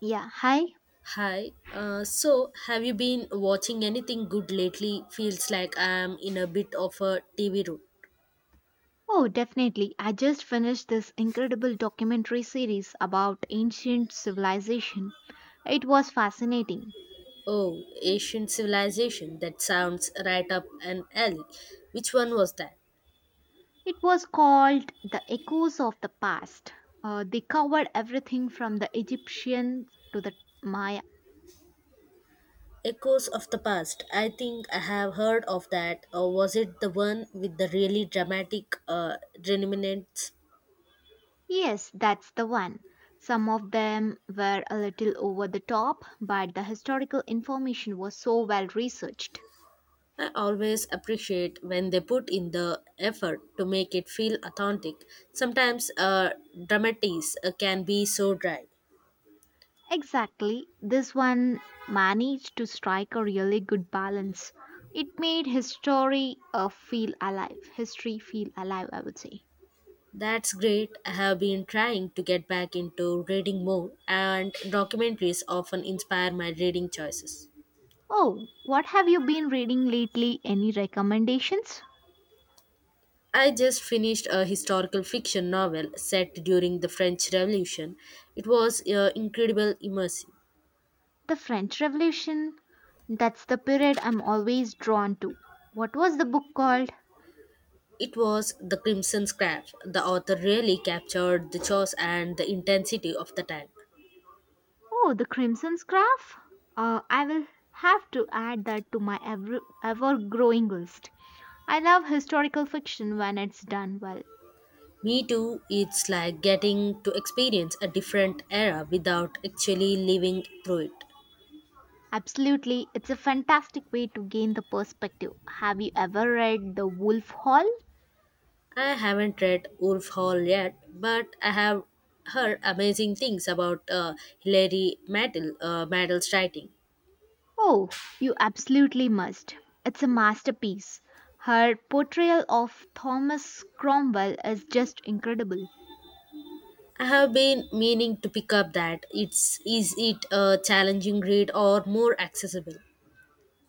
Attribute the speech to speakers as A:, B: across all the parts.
A: Yeah, hi.
B: Hi. Have you been watching anything good lately? Feels like I'm in a bit of a TV room.
A: Oh, definitely. I just finished this incredible documentary series about ancient civilization. It was fascinating.
B: Oh, Asian Civilization. That sounds right up an alley. Which one was that?
A: It was called The Echoes of the Past. They covered everything from the Egyptians to the Maya.
B: Echoes of the Past. I think I have heard of that. Or was it the one with the really dramatic remnants?
A: Yes, that's the one. Some of them were a little over the top, but the historical information was so well researched.
B: I always appreciate when they put in the effort to make it feel authentic. Sometimes dramatics can be so dry.
A: Exactly. This one managed to strike a really good balance. It made his story feel alive, history feel alive, I would say.
B: That's great. I have been trying to get back into reading more, and documentaries often inspire my reading choices.
A: Oh, what have you been reading lately? Any recommendations?
B: I just finished a historical fiction novel set during the French Revolution. It was incredible immersive.
A: The French Revolution. That's the period I'm always drawn to. What was the book called?
B: It was The Crimson Scarf. The author really captured the chaos and the intensity of the time.
A: Oh, The Crimson Scarf? I will have to add that to my ever growing list. I love historical fiction when it's done well.
B: Me too, it's like getting to experience a different era without actually living through it.
A: Absolutely, it's a fantastic way to gain the perspective. Have you ever read The Wolf Hall?
B: I haven't read Wolf Hall yet, but I have heard amazing things about Hilary Mantel, Mantel's writing.
A: Oh, you absolutely must. It's a masterpiece. Her portrayal of Thomas Cromwell is just incredible.
B: I have been meaning to pick up that. It's is it a challenging read or more accessible?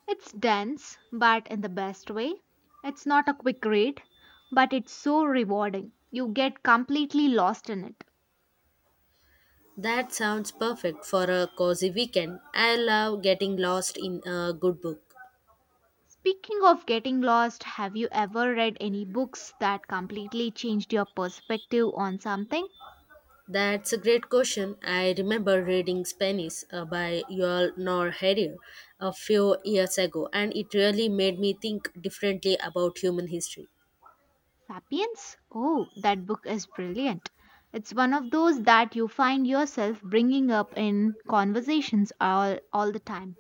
A: It's dense, but in the best way. It's not a quick read, but it's so rewarding. You get completely lost in it.
B: That sounds perfect for a cozy weekend. I love getting lost in a good book.
A: Speaking of getting lost, have you ever read any books that completely changed your perspective on something?
B: That's a great question. I remember reading Spanish by Yuval Noah Harari a few years ago, and it really made me think differently about human history.
A: Sapiens? Oh, that book is brilliant. It's one of those that you find yourself bringing up in conversations all the time.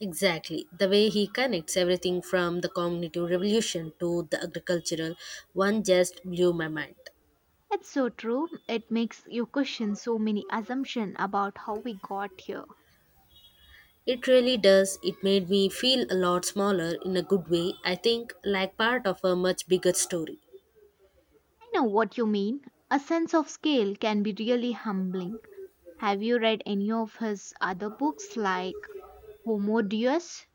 B: Exactly, the way he connects everything from the cognitive revolution to the agricultural one just blew my mind.
A: It's so true. It makes you question so many assumptions about how we got here.
B: It really does. It made me feel a lot smaller in a good way, I think, like part of a much bigger story.
A: I know what you mean. A sense of scale can be really humbling. Have you read any of his other books like Homo Deus?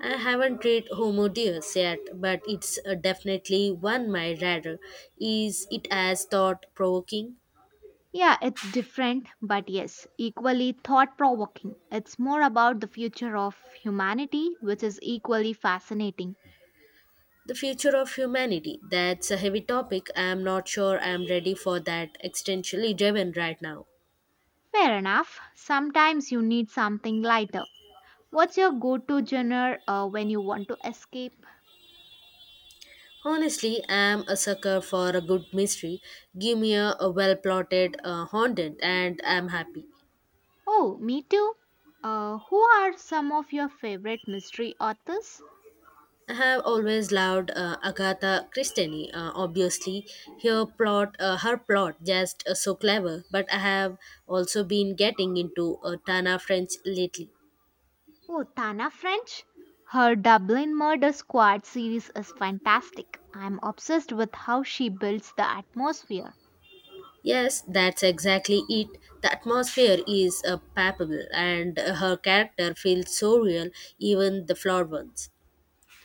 B: I haven't read Homo Deus yet, but it's definitely one my radar. Is it as thought provoking?
A: Yeah, it's different, but yes, equally thought provoking. It's more about the future of humanity, which is equally fascinating.
B: The future of humanity. That's a heavy topic. I'm not sure I'm ready for that existentially driven right now.
A: Fair enough, sometimes you need something lighter. What's your go to genre when you want to escape?
B: Honestly, I'm a sucker for a good mystery. Give me a well plotted haunted, and I'm happy.
A: Oh, me too. Who are some of your favorite mystery authors?
B: I have always loved Agatha Christie. Obviously, her plot, her plot, just so clever. But I have also been getting into Tana French lately.
A: Oh, Tana French? Her Dublin Murder Squad series is fantastic. I'm obsessed with how she builds the atmosphere.
B: Yes, that's exactly it. The atmosphere is palpable, and her character feels so real, even the flawed ones.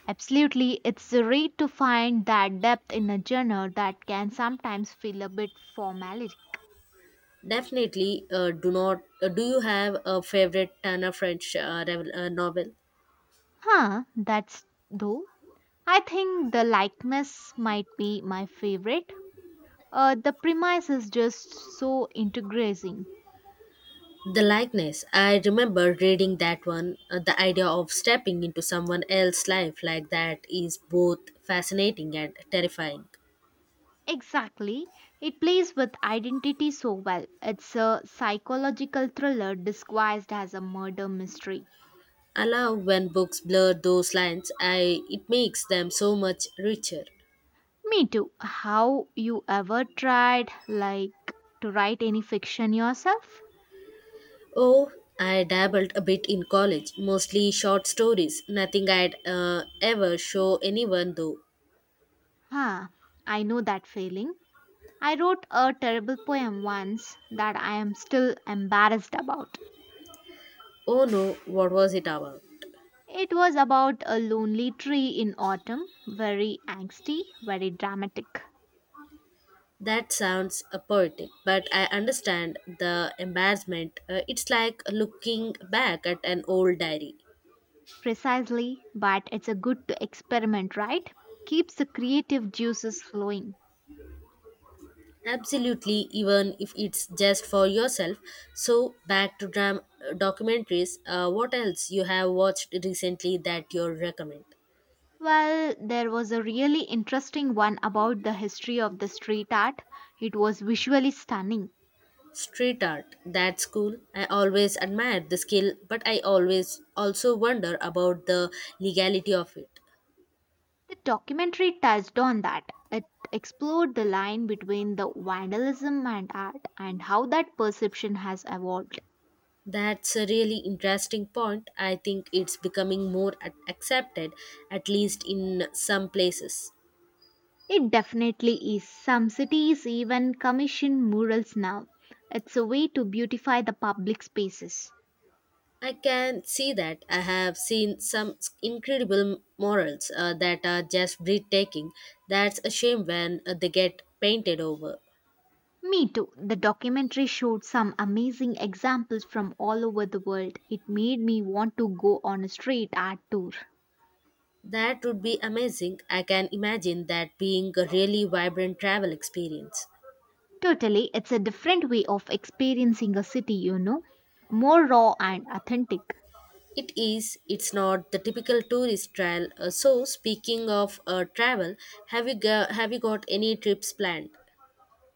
A: Absolutely, it's rare to find that depth in a genre that can sometimes feel a bit formulaic.
B: Definitely, do not. Do you have a favorite Tana French novel?
A: Huh, that's though. I think the likeness might be my favorite. The premise is just so integrating.
B: The likeness. I remember reading that one. The idea of stepping into someone else's life like that is both fascinating and terrifying.
A: Exactly. It plays with identity so well. It's a psychological thriller disguised as a murder mystery.
B: I love when books blur those lines. I it makes them so much richer.
A: Me too. How you ever tried like to write any fiction yourself?
B: Oh, I dabbled a bit in college, mostly short stories. Nothing I'd ever show anyone though.
A: Huh, I know that feeling. I wrote a terrible poem once that I am still embarrassed about.
B: Oh no, what was it about?
A: It was about a lonely tree in autumn, very angsty, very dramatic.
B: That sounds poetic, but I understand the embarrassment. It's like looking back at an old diary.
A: Precisely, but it's a good to experiment, right? Keeps the creative juices flowing.
B: Absolutely, even if it's just for yourself. So, back to documentaries. What else you have watched recently that you recommend?
A: Well, there was a really interesting one about the history of the street art. It was visually stunning.
B: Street art. That's cool. I always admire the skill, but I always also wonder about the legality of it.
A: The documentary touched on that. It explored the line between the vandalism and art and how that perception has evolved.
B: That's a really interesting point. I think it's becoming more accepted, at least in some places.
A: It definitely is. Some cities even commission murals now. It's a way to beautify the public spaces.
B: I can see that. I have seen some incredible morals that are just breathtaking. That's a shame when they get painted over.
A: Me too. The documentary showed some amazing examples from all over the world. It made me want to go on a street art tour.
B: That would be amazing. I can imagine that being a really vibrant travel experience.
A: Totally, it's a different way of experiencing a city, you know, more raw and authentic.
B: It is, it's not the typical tourist trail. So, speaking of travel, have you got any trips planned?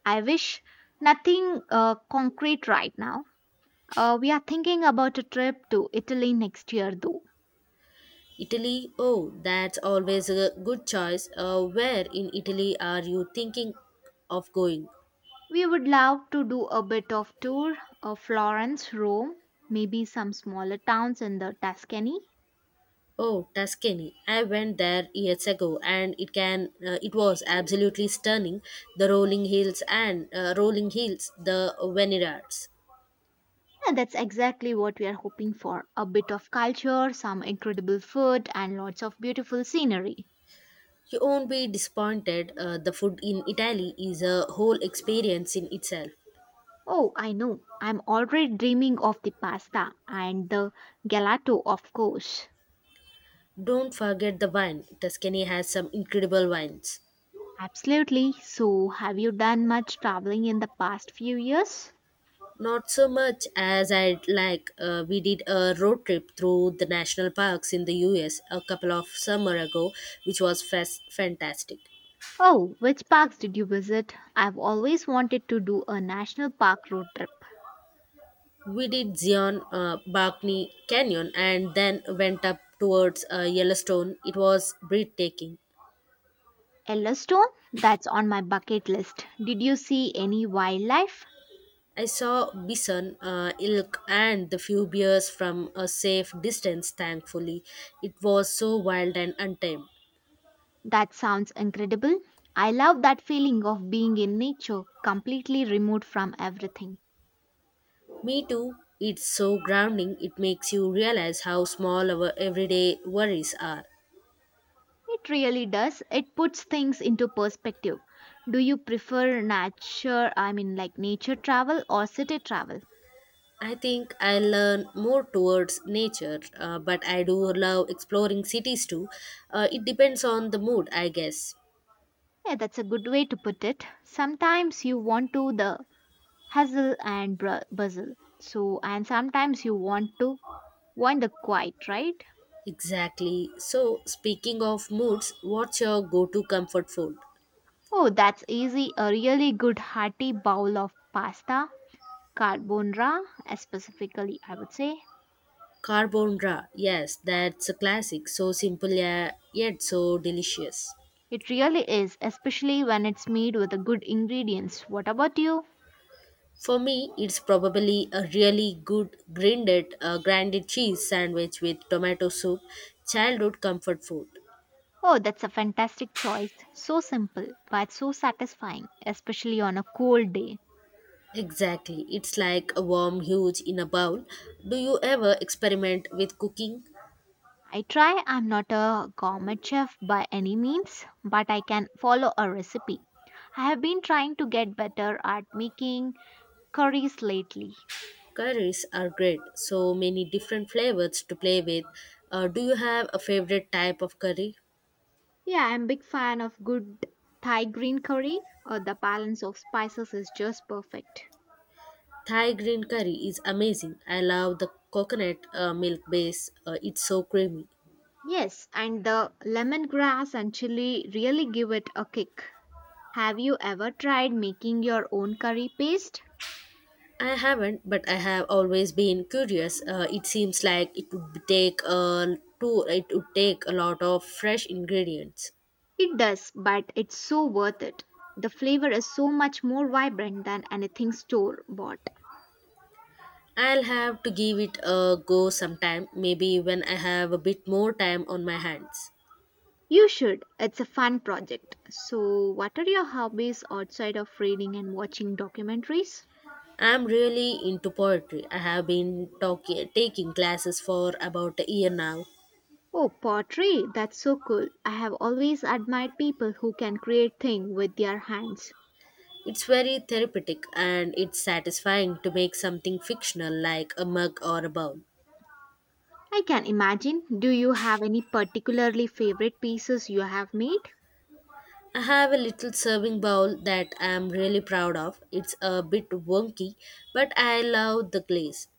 A: I wish nothing concrete right now. We are thinking about a trip to Italy next year, though.
B: Italy? Oh, that's always a good choice. Where in Italy are you thinking of going?
A: We would love to do a bit of tour of Florence, Rome, maybe some smaller towns in the Tuscany.
B: Oh, Tuscany. I went there years ago and it was absolutely stunning. The rolling hills and the vineyards.
A: Yeah, that's exactly what we are hoping for. A bit of culture, some incredible food, and lots of beautiful scenery.
B: You won't be disappointed. The food in Italy is a whole experience in itself.
A: Oh, I know. I'm already dreaming of the pasta and the gelato, of course.
B: Don't forget the wine. Tuscany has some incredible wines.
A: Absolutely. So, have you done much traveling in the past few years?
B: Not so much as I'd like. We did a road trip through the national parks in the US a couple of summer ago, which was fantastic.
A: Oh, which parks did you visit? I've always wanted to do a national park road trip.
B: We did Zion, Barkney Canyon, and then went up towards Yellowstone. It was breathtaking.
A: Yellowstone? That's on my bucket list. Did you see any wildlife?
B: I saw bison, elk, and the few bears from a safe distance, thankfully. It was so wild and untamed.
A: That sounds incredible. I love that feeling of being in nature, completely removed from everything.
B: Me too. It's so grounding. It makes you realize how small our everyday worries are.
A: It really does. It puts things into perspective. Do you prefer nature, I mean like nature travel or city travel?
B: I think I learn more towards nature, but I do love exploring cities too. It depends on the mood, I guess.
A: Yeah, that's a good way to put it. Sometimes you want to the hustle and bustle. So, and sometimes you want to want the quiet, right?
B: Exactly. So, speaking of moods, what's your go to comfort food?
A: Oh, that's easy. A really good hearty bowl of pasta, carbonara, specifically, I would say.
B: Carbonara. Yes, that's a classic. So simple, yeah, yet so delicious.
A: It really is, especially when it's made with the good ingredients. What about you?
B: For me, it's probably a really good grinded cheese sandwich with tomato soup, childhood comfort food.
A: Oh, that's a fantastic choice. So simple, but so satisfying, especially on a cold day.
B: Exactly, it's like a warm huge in a bowl. Do you ever experiment with cooking?
A: I try. I'm not a gourmet chef by any means, but I can follow a recipe. I have been trying to get better at making curries lately.
B: Curries are great, so many different flavors to play with. Do you have a favorite type of curry?
A: Yeah, I'm a big fan of good Thai green curry. The balance of spices is just perfect.
B: Thai green curry is amazing. I love the coconut milk base, it's so creamy.
A: Yes, and the lemongrass and chili really give it a kick. Have you ever tried making your own curry paste?
B: I haven't, but I have always been curious. It seems like it would take a lot of fresh ingredients.
A: It does, but it's so worth it. The flavor is so much more vibrant than anything store bought.
B: I'll have to give it a go sometime, maybe when I have a bit more time on my hands.
A: You should. It's a fun project. So, what are your hobbies outside of reading and watching documentaries?
B: I'm really into poetry. I have been taking classes for about a year now.
A: Oh, pottery. That's so cool. I have always admired people who can create things with their hands.
B: It's very therapeutic and it's satisfying to make something fictional like a mug or a bowl.
A: I can imagine. Do you have any particularly favorite pieces you have made?
B: I have a little serving bowl that I am really proud of. It's a bit wonky, but I love the glaze.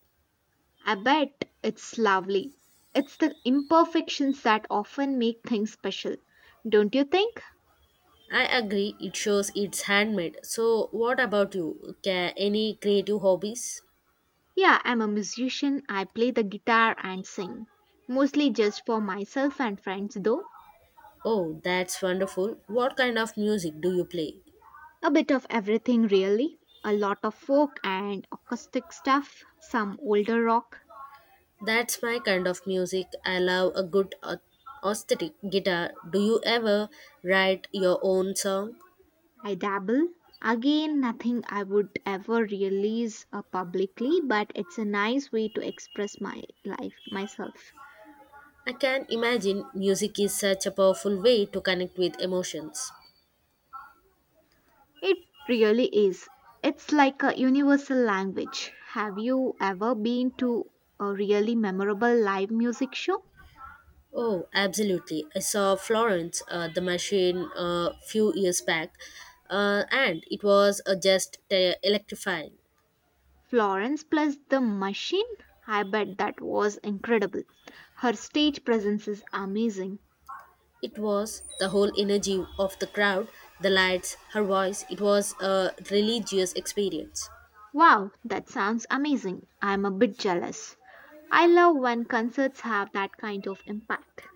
A: I bet it's lovely. It's the imperfections that often make things special, don't you think?
B: I agree, it shows it's handmade. So, what about you? Ca any creative hobbies?
A: Yeah, I'm a musician. I play the guitar and sing. Mostly just for myself and friends, though.
B: Oh, that's wonderful. What kind of music do you play?
A: A bit of everything, really. A lot of folk and acoustic stuff, some older rock.
B: That's my kind of music. I love a good acoustic guitar. Do you ever write your own song?
A: I dabble. Again, nothing I would ever release publicly, but it's a nice way to express my life, myself.
B: I can imagine music is such a powerful way to connect with emotions.
A: It really is. It's like a universal language. Have you ever been to a really memorable live music show?
B: Oh, absolutely. I saw Florence, the machine, a few years back, and it was just electrifying.
A: Florence plus the Machine? I bet that was incredible. Her stage presence is amazing.
B: It was the whole energy of the crowd, the lights, her voice. It was a religious experience.
A: Wow, that sounds amazing. I'm a bit jealous. I love when concerts have that kind of impact.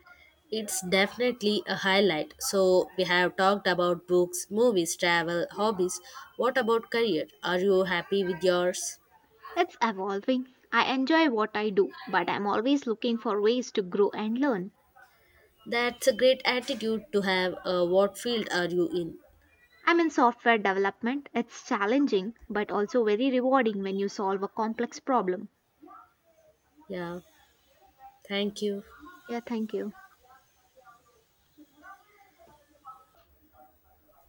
B: It's definitely a highlight. So, we have talked about books, movies, travel, hobbies. What about career? Are you happy with yours?
A: It's evolving. I enjoy what I do, but I'm always looking for ways to grow and learn.
B: That's a great attitude to have. What field are you in?
A: I'm in software development. It's challenging, but also very rewarding when you solve a complex problem.
B: Yeah, thank you.
A: Yeah, thank you.